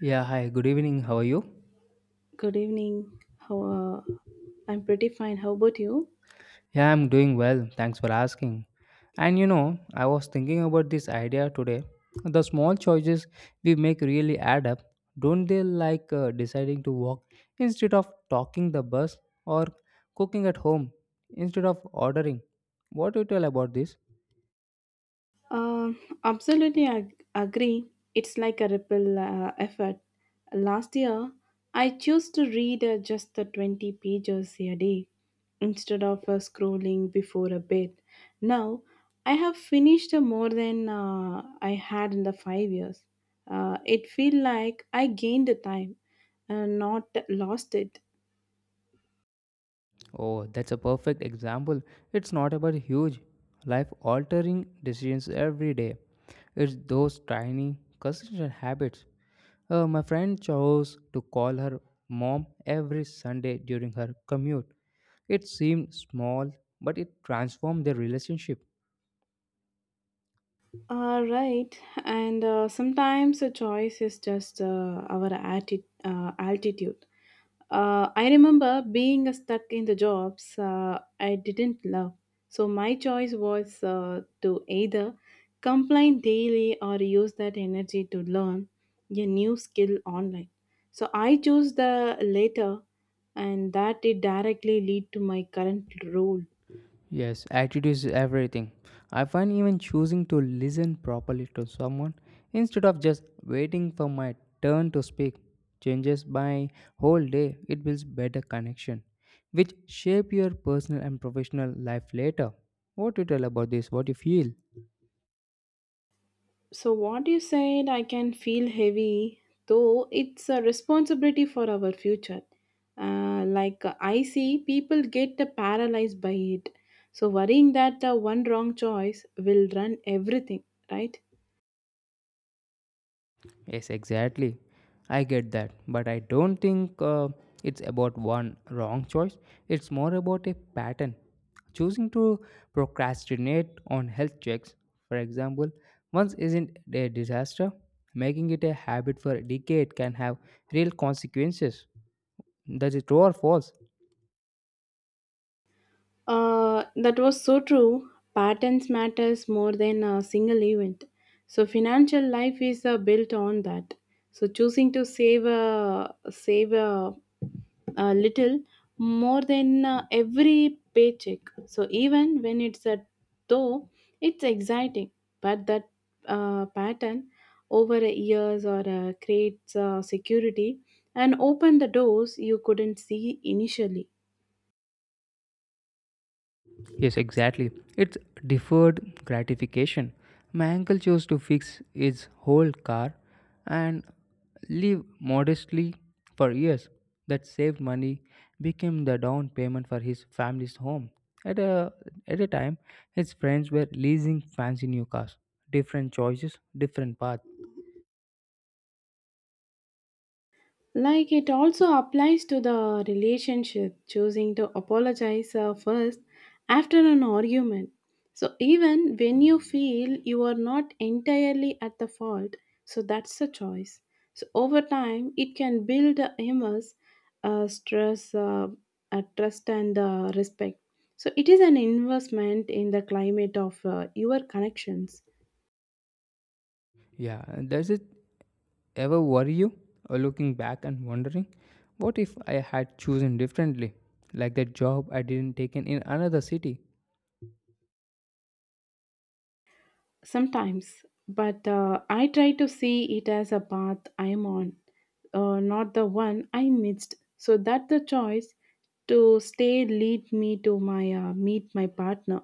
Yeah, hi, good evening. How are you? Good evening. How I'm pretty fine. How about you? Yeah, I'm doing well. Thanks for asking. And you know, I was thinking about this idea today. The small choices we make really add up. Don't they like deciding to walk instead of talking the bus or cooking at home instead of ordering? What do you tell about this? Um, Absolutely, I agree. It's like a ripple effort. Last year, I chose to read just the 20 pages a day instead of scrolling before a bed. Now, I have finished more than I had in the 5 years. It feel like I gained the time, not lost it. Oh, that's a perfect example. It's not about huge, life altering decisions every day. It's those tiny, consistent habits. My friend chose to call her mom every Sunday during her commute. It seemed small, but it transformed their relationship. Right, and sometimes a choice is just our altitude. I remember being stuck in the jobs I didn't love. So my choice was to either complain daily or use that energy to learn a new skill online. So I chose the latter, and that did directly lead to my current role. Yes, attitude is everything. I find even choosing to listen properly to someone instead of just waiting for my turn to speak changes my whole day. It builds better connection, which shape your personal and professional life later. What do you tell about this? What do you feel? So, what you said, I can feel heavy, though it's a responsibility for our future. Like, I see, people get paralyzed by it. So, worrying that one wrong choice will run everything, right? Yes, exactly. I get that. But I don't think it's about one wrong choice. It's more about a pattern. Choosing to procrastinate on health checks, for example, once isn't a disaster. Making it a habit for a decade can have real consequences. That is true or false? That was so true. Patterns matters more than a single event. So financial life is built on that. So choosing to save a little more than every paycheck. So even when it's a though it's exciting, but that pattern over a years or creates security and open the doors you couldn't see initially. Yes, exactly. It's deferred gratification. My uncle chose to fix his whole car and live modestly for years. That saved money became the down payment for his family's home. At a, at a time, his friends were leasing fancy new cars. Different choices, different path. Like it also applies to the relationship, choosing to apologize first after an argument. So, even when you feel you are not entirely at the fault, so that's a choice. So, over time, it can build a immense stress, trust, and respect. So, it is an investment in the climate of your connections. Yeah, and that's it. Ever worry you, or looking back and wondering, what if I had chosen differently? Like that job I didn't take in another city. Sometimes, but I try to see it as a path I'm on, not the one I missed, so that the choice to stay lead me to my meet my partner.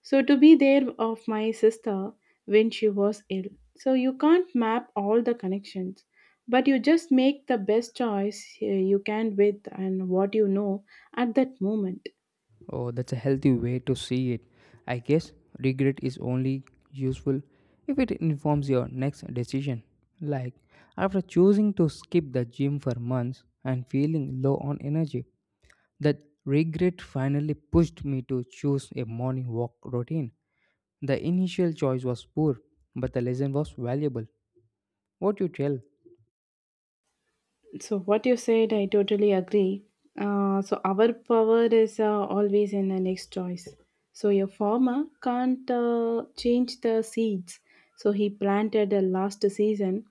So to be there of my sister when she was ill. So you can't map all the connections, but you just make the best choice you can with and what you know at that moment. Oh, that's a healthy way to see it. I guess regret is only useful if it informs your next decision. Like, after choosing to skip the gym for months and feeling low on energy, that regret finally pushed me to choose a morning walk routine. The initial choice was poor, but the lesson was valuable. What you tell? So, what you said, I totally agree. So, our power is always in the next choice. So, your farmer can't change the seeds. So, he planted the last season,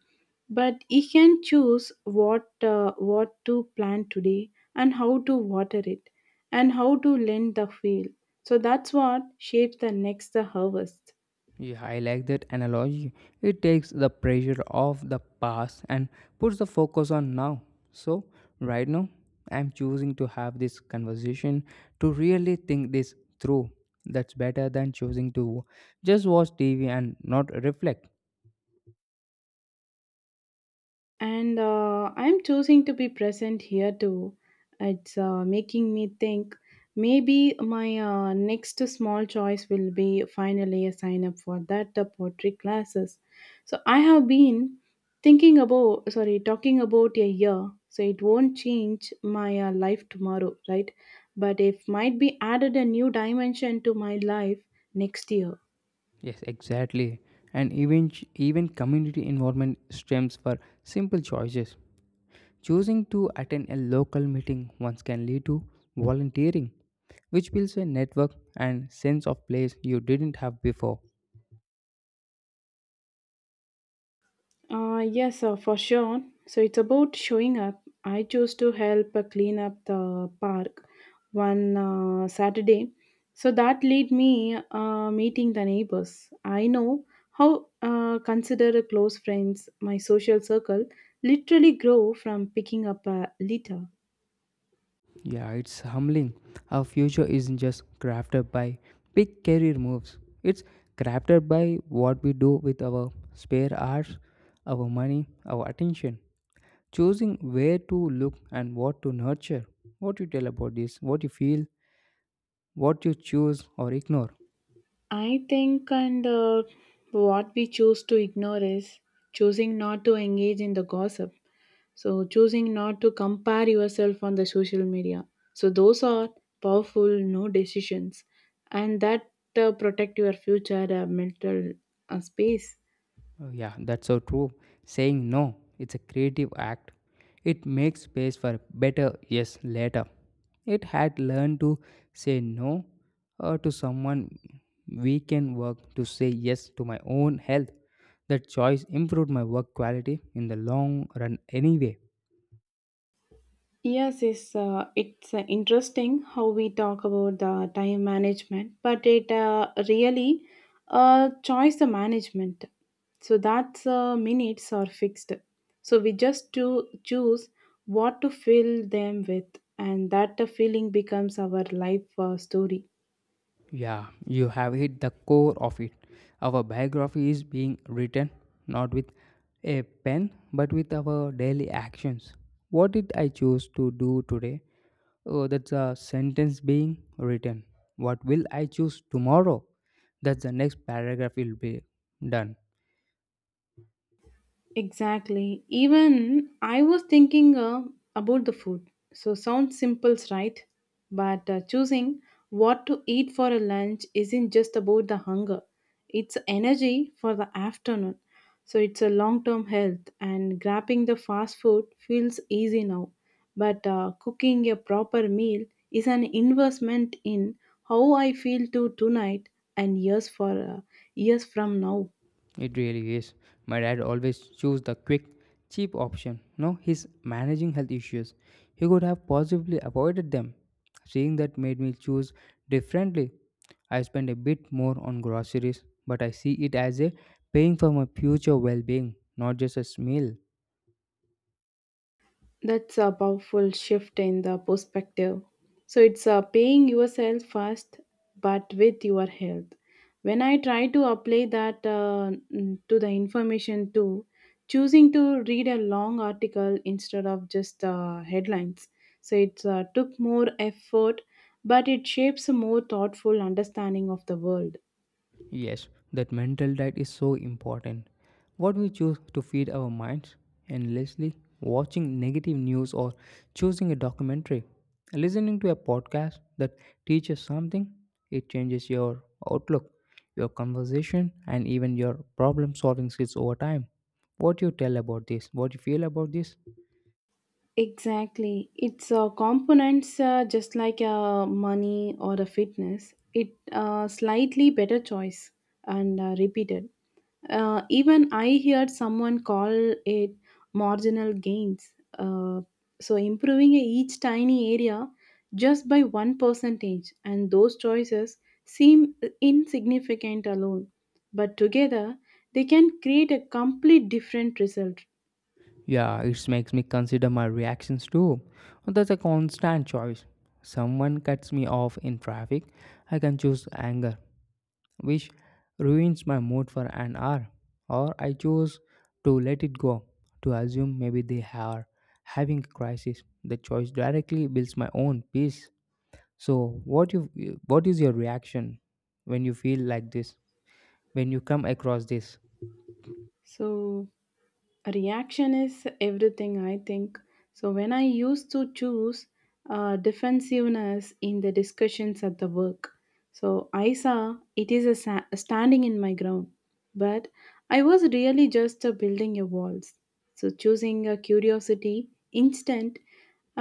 but he can choose what to plant today and how to water it and how to lend the field. So, that's what shapes the next harvest. Yeah, I like that analogy. It takes the pressure off the past and puts the focus on now. So, right now, I'm choosing to have this conversation to really think this through. That's better than choosing to just watch TV and not reflect. And I'm choosing to be present here too. It's making me think maybe my next small choice will be finally a sign up for that the pottery classes. So I have been thinking about, sorry, talking about a year. So it won't change my life tomorrow, right? But it might be added a new dimension to my life next year. Yes, exactly. And even community involvement stems for simple choices. Choosing to attend a local meeting once can lead to volunteering, which builds a network and sense of place you didn't have before. Yes, for sure. So it's about showing up. I chose to help clean up the park one Saturday. So that led me meeting the neighbors. I know how consider close friends, my social circle, literally grow from picking up a litter. Yeah, it's humbling. Our future isn't just crafted by big career moves, it's crafted by what we do with our spare hours, our money, our attention. Choosing where to look and what to nurture. What you tell about this, what you feel, what you choose or ignore. I think, and what we choose to ignore is choosing not to engage in the gossip. So choosing not to compare yourself on the social media. So those are powerful no decisions, and that protect your future mental space. Oh, yeah, that's so true. Saying no, it's a creative act. It makes space for better yes later. It had learned to say no to someone we can work to say yes to my own health. That choice improved my work quality in the long run anyway. Yes, it's interesting how we talk about the time management, but it really choice the management. So that's minutes are fixed. So we just to choose what to fill them with, and that feeling becomes our life story. Yeah, you have hit the core of it. Our biography is being written not with a pen but with our daily actions. What did I choose to do today? Oh, that's a sentence being written. What will I choose tomorrow? That's the next paragraph will be done. Exactly. Even I was thinking about the food. So sounds simple, right? But choosing what to eat for a lunch isn't just about the hunger. It's energy for the afternoon. So it's a long-term health and grabbing the fast food feels easy now. But cooking a proper meal is an investment in how I feel to tonight and years from now. It really is. My dad always chose the quick, cheap option. No, he's managing health issues. He could have possibly avoided them. Seeing that made me choose differently. I spend a bit more on groceries, but I see it as a paying for my future well-being, not just a meal. That's a powerful shift in the perspective. So it's paying yourself first, but with your health. When I try to apply that to the information too, choosing to read a long article instead of just headlines. So it took more effort, but it shapes a more thoughtful understanding of the world. Yes, that mental diet is so important. What we choose to feed our minds, endlessly watching negative news or choosing a documentary, listening to a podcast that teaches something, it changes your outlook, your conversation, and even your problem solving skills over time. What you tell about this, what you feel about this? Exactly. It's components just like money or a fitness. It slightly better choice and repeated. Even I heard someone call it marginal gains. Uh, so improving each tiny area just by one percentage, and those choices seem insignificant alone, but together they can create a complete different result. Yeah, it makes me consider my reactions too. Well, that's a constant choice. Someone cuts me off in traffic, I can choose anger, which ruins my mood for an hour, or I choose to let it go, to assume maybe they are having a crisis. The choice directly builds my own peace. So, what is your reaction when you feel like this? When you come across this? So a reaction is everything, I think. So when I used to choose defensiveness in the discussions at the work, so I saw it is a standing in my ground. But I was really just building a walls. So choosing a curiosity instant,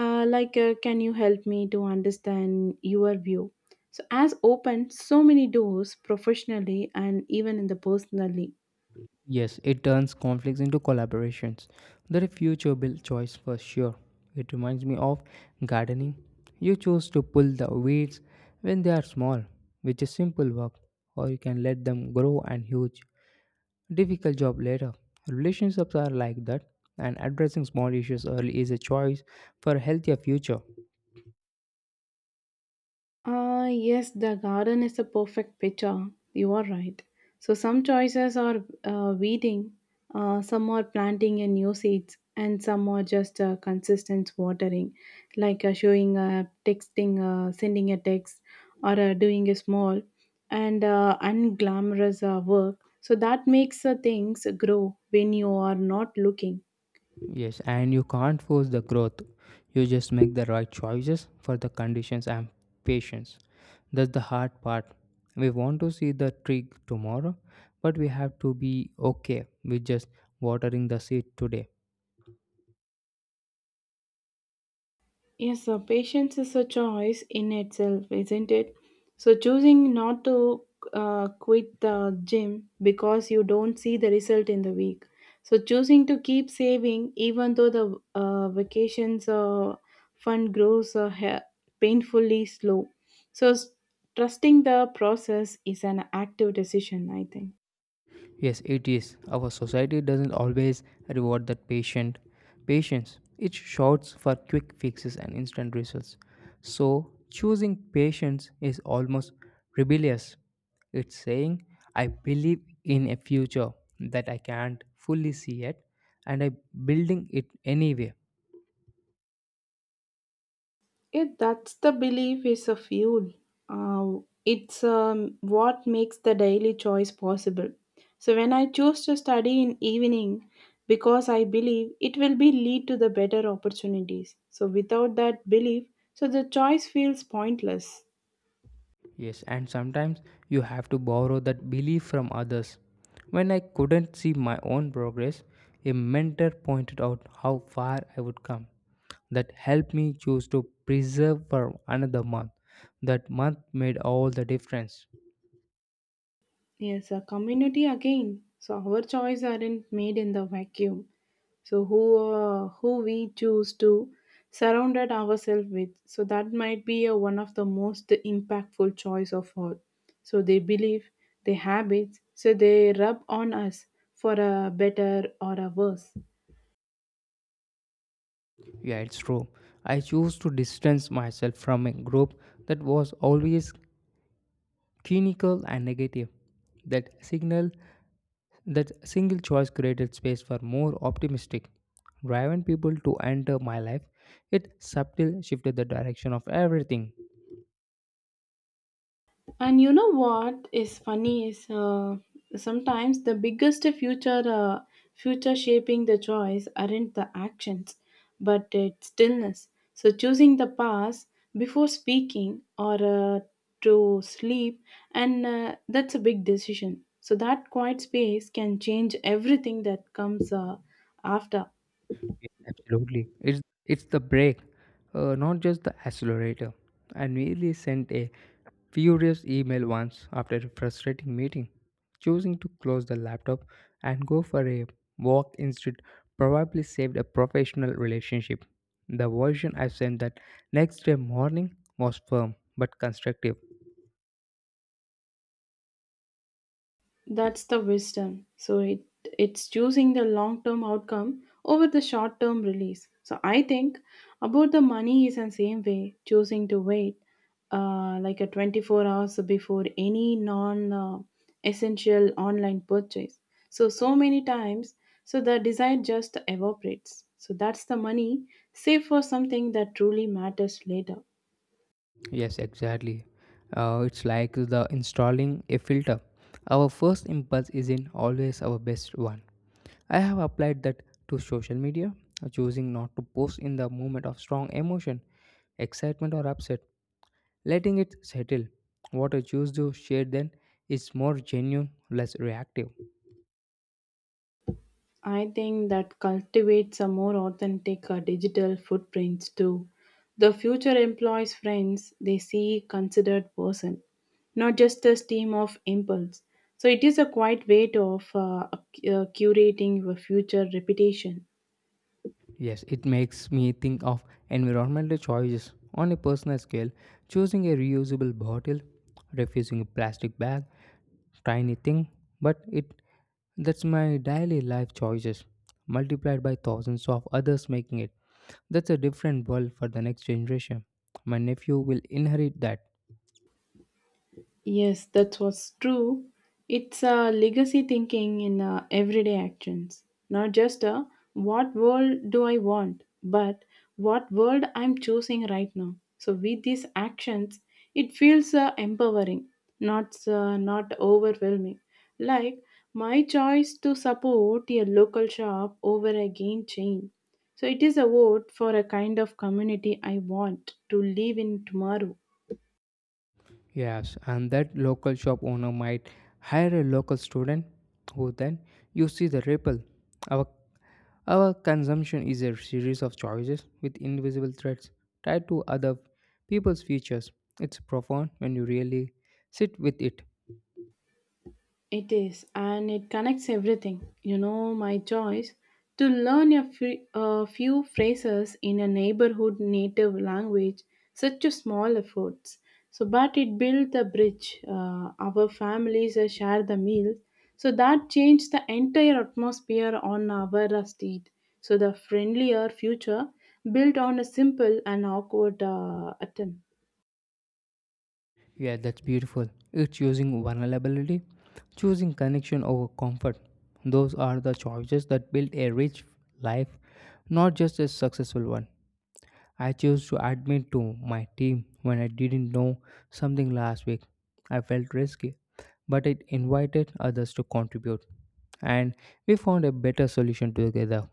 like, can you help me to understand your view, so as opened so many doors professionally and even in the personally. Yes, it turns conflicts into collaborations. They're a future built choice for sure. It reminds me of gardening. You choose to pull the weeds when they are small, which is simple work, or you can let them grow and huge, difficult job later. Relationships are like that, and addressing small issues early is a choice for a healthier future. Ah, yes, the garden is a perfect picture. You are right. So some choices are weeding, some are planting in new seeds, and some are just consistent watering, like showing, texting, sending a text, or doing a small and unglamorous work. So that makes things grow when you are not looking. Yes, and you can't force the growth. You just make the right choices for the conditions and patience. That's the hard part. We want to see the tree tomorrow, but we have to be okay with just watering the seed today. Yes, so patience is a choice in itself, isn't it? So choosing not to quit the gym because you don't see the result in the week. So choosing to keep saving even though the vacations fund grows painfully slow. So trusting the process is an active decision, I think. Yes, it is. Our society doesn't always reward that patient patience. It shouts for quick fixes and instant results. So choosing patience is almost rebellious. It's saying I believe in a future that I can't fully see yet and I building it anyway. Yeah, that's the belief is a fuel. It's what makes the daily choice possible. So when I choose to study in evening, because I believe it will be lead to the better opportunities. So without that belief, so the choice feels pointless. Yes, and sometimes you have to borrow that belief from others. When I couldn't see my own progress, a mentor pointed out how far I would come. That helped me choose to preserve for another month. That month made all the difference. Yes, a community again. So our choice aren't made in the vacuum. So who we choose to surrounded ourselves with, so that might be one of the most impactful choice of all. So they believe their habits, so they rub on us for a better or a worse. Yeah, it's true. I chose to distance myself from a group that was always clinical and negative. That signal That single choice created space for more optimistic, driven people to enter my life. It subtly shifted the direction of everything. And you know what is funny is sometimes the biggest future shaping the choice aren't the actions, but its stillness. So choosing the past before speaking or uh, to sleep, and that's a big decision. So that quiet space can change everything that comes after. Yes, absolutely. It's the brake, not just the accelerator. I nearly sent a furious email once after a frustrating meeting, choosing to close the laptop and go for a walk instead probably saved a professional relationship. The version I sent that next day morning was firm but constructive. That's the wisdom. So it's choosing the long term outcome over the short term release. So I think about the money is the same way, choosing to wait like a 24 hours before any non essential online purchase. So many times, so the desire just evaporates. So that's the money, save for something that truly matters later. Yes, exactly. It's like the installing a filter. Our first impulse isn't always our best one. I have applied that to social media, choosing not to post in the moment of strong emotion, excitement, or upset, letting it settle. What I choose to share then is more genuine, less reactive. I think that cultivates a more authentic digital footprints too. The future employs friends they see considered person, not just a stream of impulse. So it is a quite way to of curating your future reputation. Yes, it makes me think of environmental choices. On a personal scale, choosing a reusable bottle, refusing a plastic bag, tiny thing, but it that's my daily life choices multiplied by thousands of others making it. That's a different world for the next generation. My nephew will inherit that. Yes, that was true. It's a legacy thinking in everyday actions, not just a what world do I want, but what world I'm choosing right now. So with these actions, it feels empowering, not overwhelming. Like my choice to support a local shop over a game chain. So it is a vote for a kind of community I want to live in tomorrow. Yes, and that local shop owner might hire a local student who then you see the ripple. Our our consumption is a series of choices with invisible threads tied to other people's futures. It's profound when you really sit with it. It is, and it connects everything. You know, my choice to learn a few phrases in a neighborhood native language, such a small efforts. So, but it built a bridge. Our families share the meals, so that changed the entire atmosphere on our street. So, the friendlier future built on a simple and awkward attempt. Yeah, that's beautiful. It's using vulnerability, choosing connection over comfort. Those are the choices that build a rich life, not just a successful one. I chose to admit to my team when I didn't know something last week. I felt risky, but it invited others to contribute, and we found a better solution together.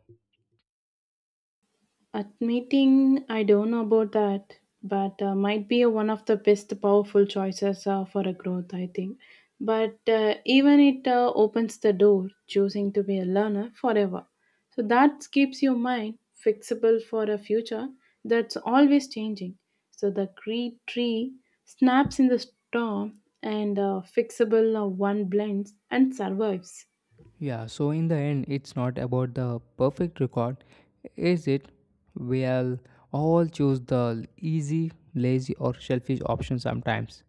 Admitting I don't know about that, but might be one of the best powerful choices for a growth, I think. But even it opens the door, choosing to be a learner forever. So that keeps your mind fixable for a future that's always changing. So the great tree snaps in the storm and fixable one blends and survives. Yeah, so in the end, it's not about the perfect record, is it? We'll all choose the easy, lazy, or selfish option sometimes.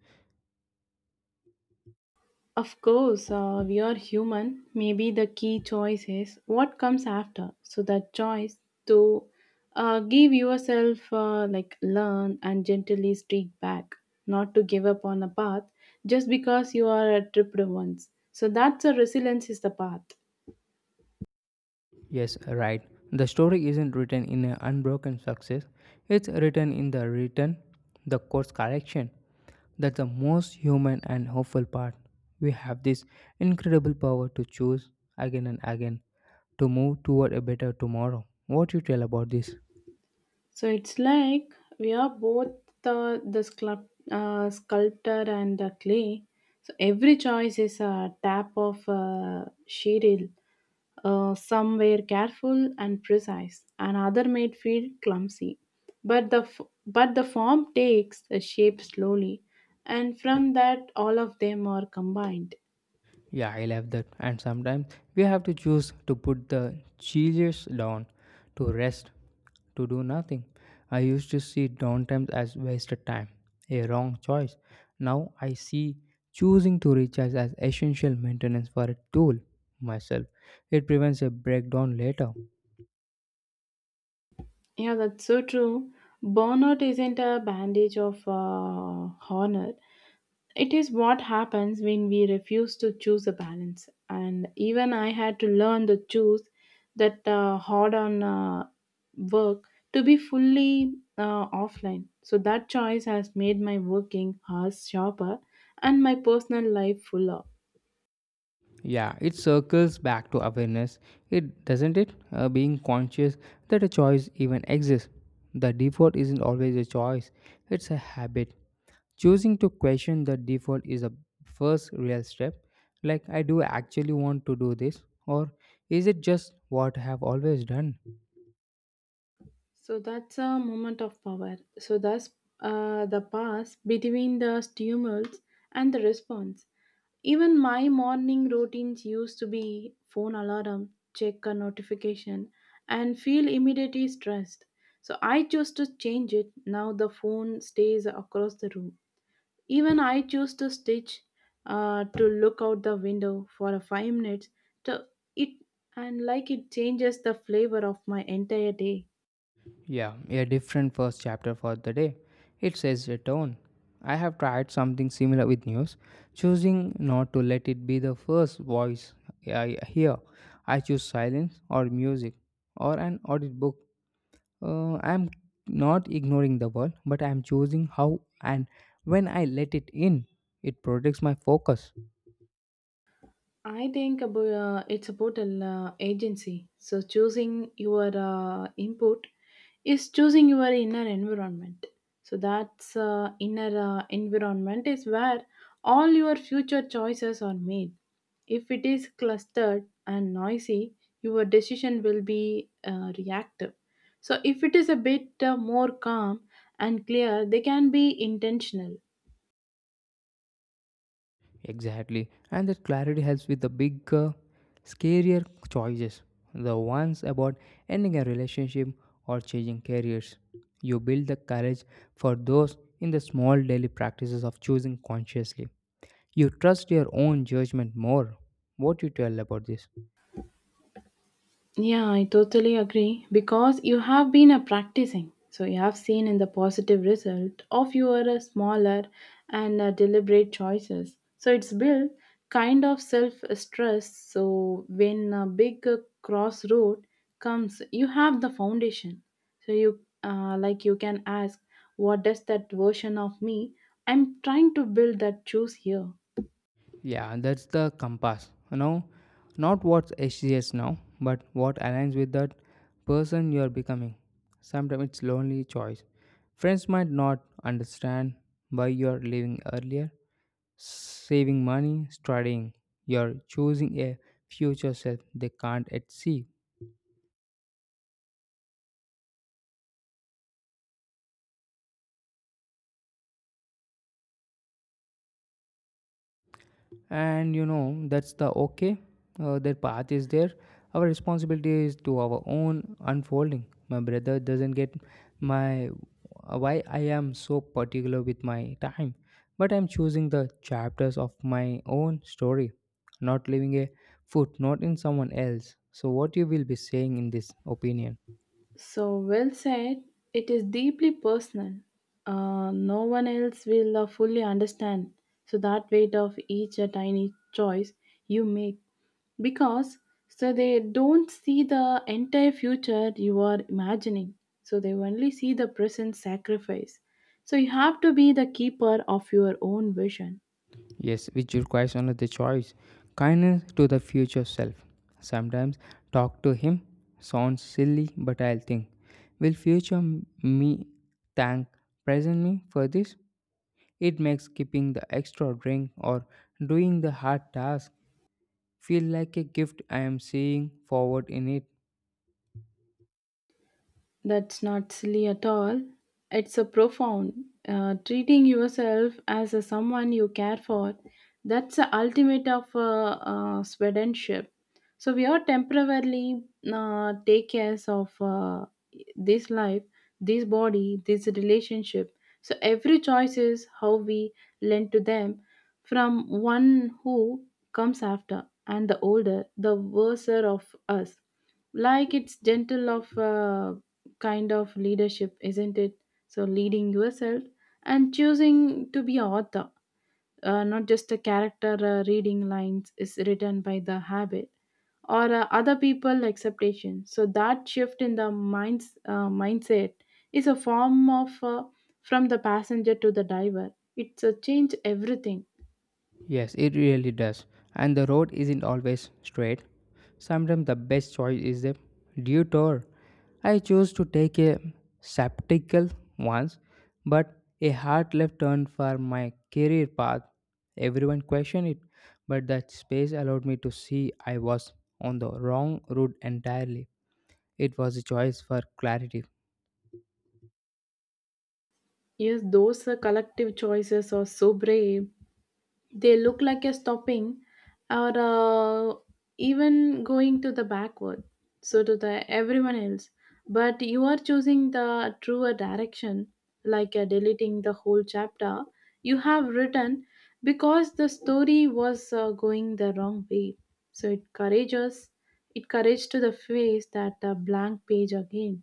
Of course, we are human. Maybe the key choice is what comes after. So that choice to give yourself like learn and gently streak back, not to give up on a path just because you are tripped once. So that's a resilience is the path. Yes, right. The story isn't written in an unbroken success, it's written in the return, the course correction. That's the most human and hopeful part. We have this incredible power to choose again and again to move toward a better tomorrow. What you tell about this? So it's like we are both the sculptor and the clay. So every choice is a tap of sheetal Some were careful and precise, and other made feel clumsy. But the f- but the form takes a shape slowly, and from that all of them are combined. Yeah, I love that. And sometimes we have to choose to put the chillers down, to rest, to do nothing. I used to see downtime as wasted time, a wrong choice. Now I see choosing to recharge as essential maintenance for a tool myself. It prevents a breakdown later. Yeah, that's so true. Burnout isn't a bandage of honor. It is what happens when we refuse to choose a balance. And even I had to learn to choose that hard on work to be fully offline. So that choice has made my working hours sharper and my personal life fuller. Yeah, it circles back to awareness. It doesn't it? Being conscious that a choice even exists. The default isn't always a choice, it's a habit. Choosing to question the default is a first real step, like, I do actually want to do this, or is it just what I have always done? So that's a moment of power. So that's the pass between the stimulus and the response. Even my morning routines used to be phone alarm, check a notification, and feel immediately stressed. So I chose to change it. Now the phone stays across the room. Even I choose to stitch to look out the window for a 5 minutes to it, and like it changes the flavor of my entire day. Yeah, a different first chapter for the day. It says a tone. I have tried something similar with news, choosing not to let it be the first voice I hear. I choose silence or music or an audiobook. I'm not ignoring the world, but I'm choosing how and when I let it in. It protects my focus. I think about, it's about an agency. So choosing your input is choosing your inner environment. So that's inner environment is where all your future choices are made. If it is clustered and noisy, your decision will be reactive. So if it is a bit more calm and clear, they can be intentional. Exactly. And that clarity helps with the bigger, scarier choices. The ones about ending a relationship or changing careers. You build the courage for those in the small daily practices of choosing consciously. You trust your own judgment more. What you tell about this? Yeah, I totally agree because you have been a practicing. So you have seen in the positive result of your smaller and deliberate choices. So it's built kind of self stress. So when a big crossroad comes, you have the foundation. So you like you can ask, what does that version of me I'm trying to build that choose here? Yeah, that's the compass. You know, not what's HCS now, but what aligns with that person you are becoming. Sometimes it's lonely choice. Friends might not understand why you are leaving earlier, saving money, studying. You are choosing a future self they can't yet see. And you know, that's the okay, their path is there, our responsibility is to our own unfolding. My brother doesn't get my, why I am so particular with my time, but I'm choosing the chapters of my own story, not leaving a footnote in someone else. So what you will be saying in this opinion? So well said. It is deeply personal. No one else will fully understand. So that weight of each tiny choice you make, because so they don't see the entire future you are imagining. So they only see the present sacrifice. So you have to be the keeper of your own vision. Yes, which requires only the choice. Kindness to the future self. Sometimes talk to him sounds silly, but I'll think, will me thank present me for this? It makes keeping the extra drink or doing the hard task feel like a gift I am seeing forward in it. That's not silly at all. It's a profound. Treating yourself as a someone you care for, that's the ultimate of swedendship. So we are temporarily take care of this life, this body, this relationship. So every choice is how we lend to them from one who comes after and the older, the worser of us, like it's gentle of kind of leadership, isn't it? So, leading yourself and choosing to be a author, not just a character reading lines, is written by the habit or other people expectation. So, that shift in the mind's mindset is a form of from the passenger to the diver. It's a change everything. Yes, it really does. And the road isn't always straight. Sometimes the best choice is a detour. I chose to take a septical once, but a hard left turn for my career path. Everyone questioned it, but that space allowed me to see I was on the wrong route entirely. It was a choice for clarity. Yes, those collective choices are so brave. They look like a stopping or even going to the backward, so to the everyone else, but you are choosing the truer direction, like deleting the whole chapter you have written because the story was going the wrong way. So it courageous, it courage to the face that blank page again.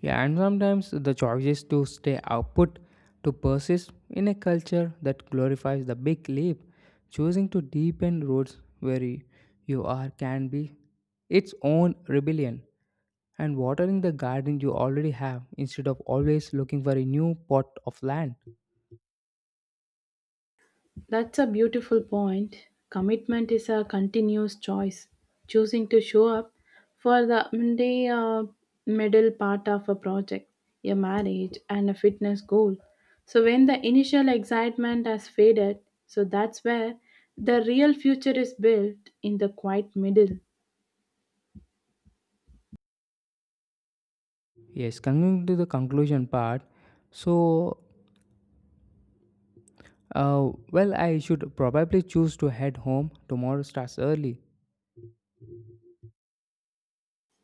Yeah, and sometimes the choice is to stay output, to persist in a culture that glorifies the big leap, choosing to deepen roots where you are can be its own rebellion, and watering the garden you already have instead of always looking for a new pot of land. That's a beautiful point. Commitment is a continuous choice, choosing to show up for the middle part of a project, a marriage, and a fitness goal. So, when the initial excitement has faded, so that's where the real future is built in the quiet middle. Yes, coming to the conclusion part, so well, I should probably choose to head home. Tomorrow starts early.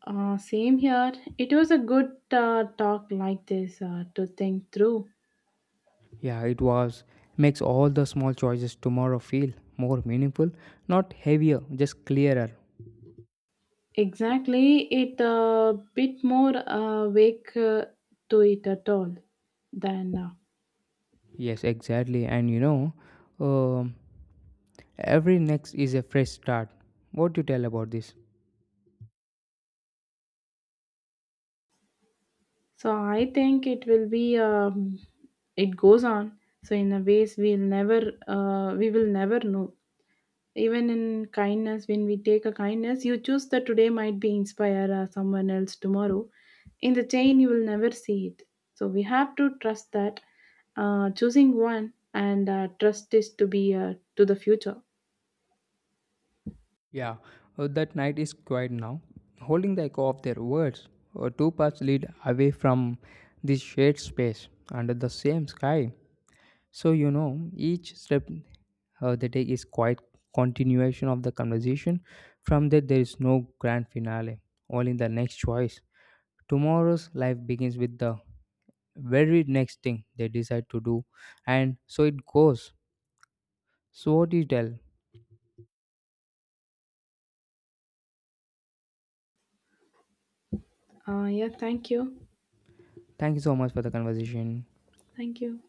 Same here. It was a good talk like this to think through. Yeah, it was. Makes all the small choices tomorrow feel more meaningful, not heavier, just clearer. Exactly, it a bit more awake to it at all than now. Yes, exactly. And you know, um, every next is a fresh start. What do you tell about this? So I think it will be. It goes on. So in a ways we'll never. We will never know. Even in kindness, when we take a kindness, you choose that today might be inspire someone else tomorrow. In the chain, you will never see it. So we have to trust that choosing one and trust is to be to the future. Yeah, that night is quiet now, holding the echo of their words. Two paths lead away from this shared space under the same sky. So you know, each step they take is quite continuation of the conversation. From that, there is no grand finale. All in the next choice. Tomorrow's life begins with the very next thing they decide to do, and so it goes. So what do you tell? Yeah, thank you. Thank you so much for the conversation. Thank you.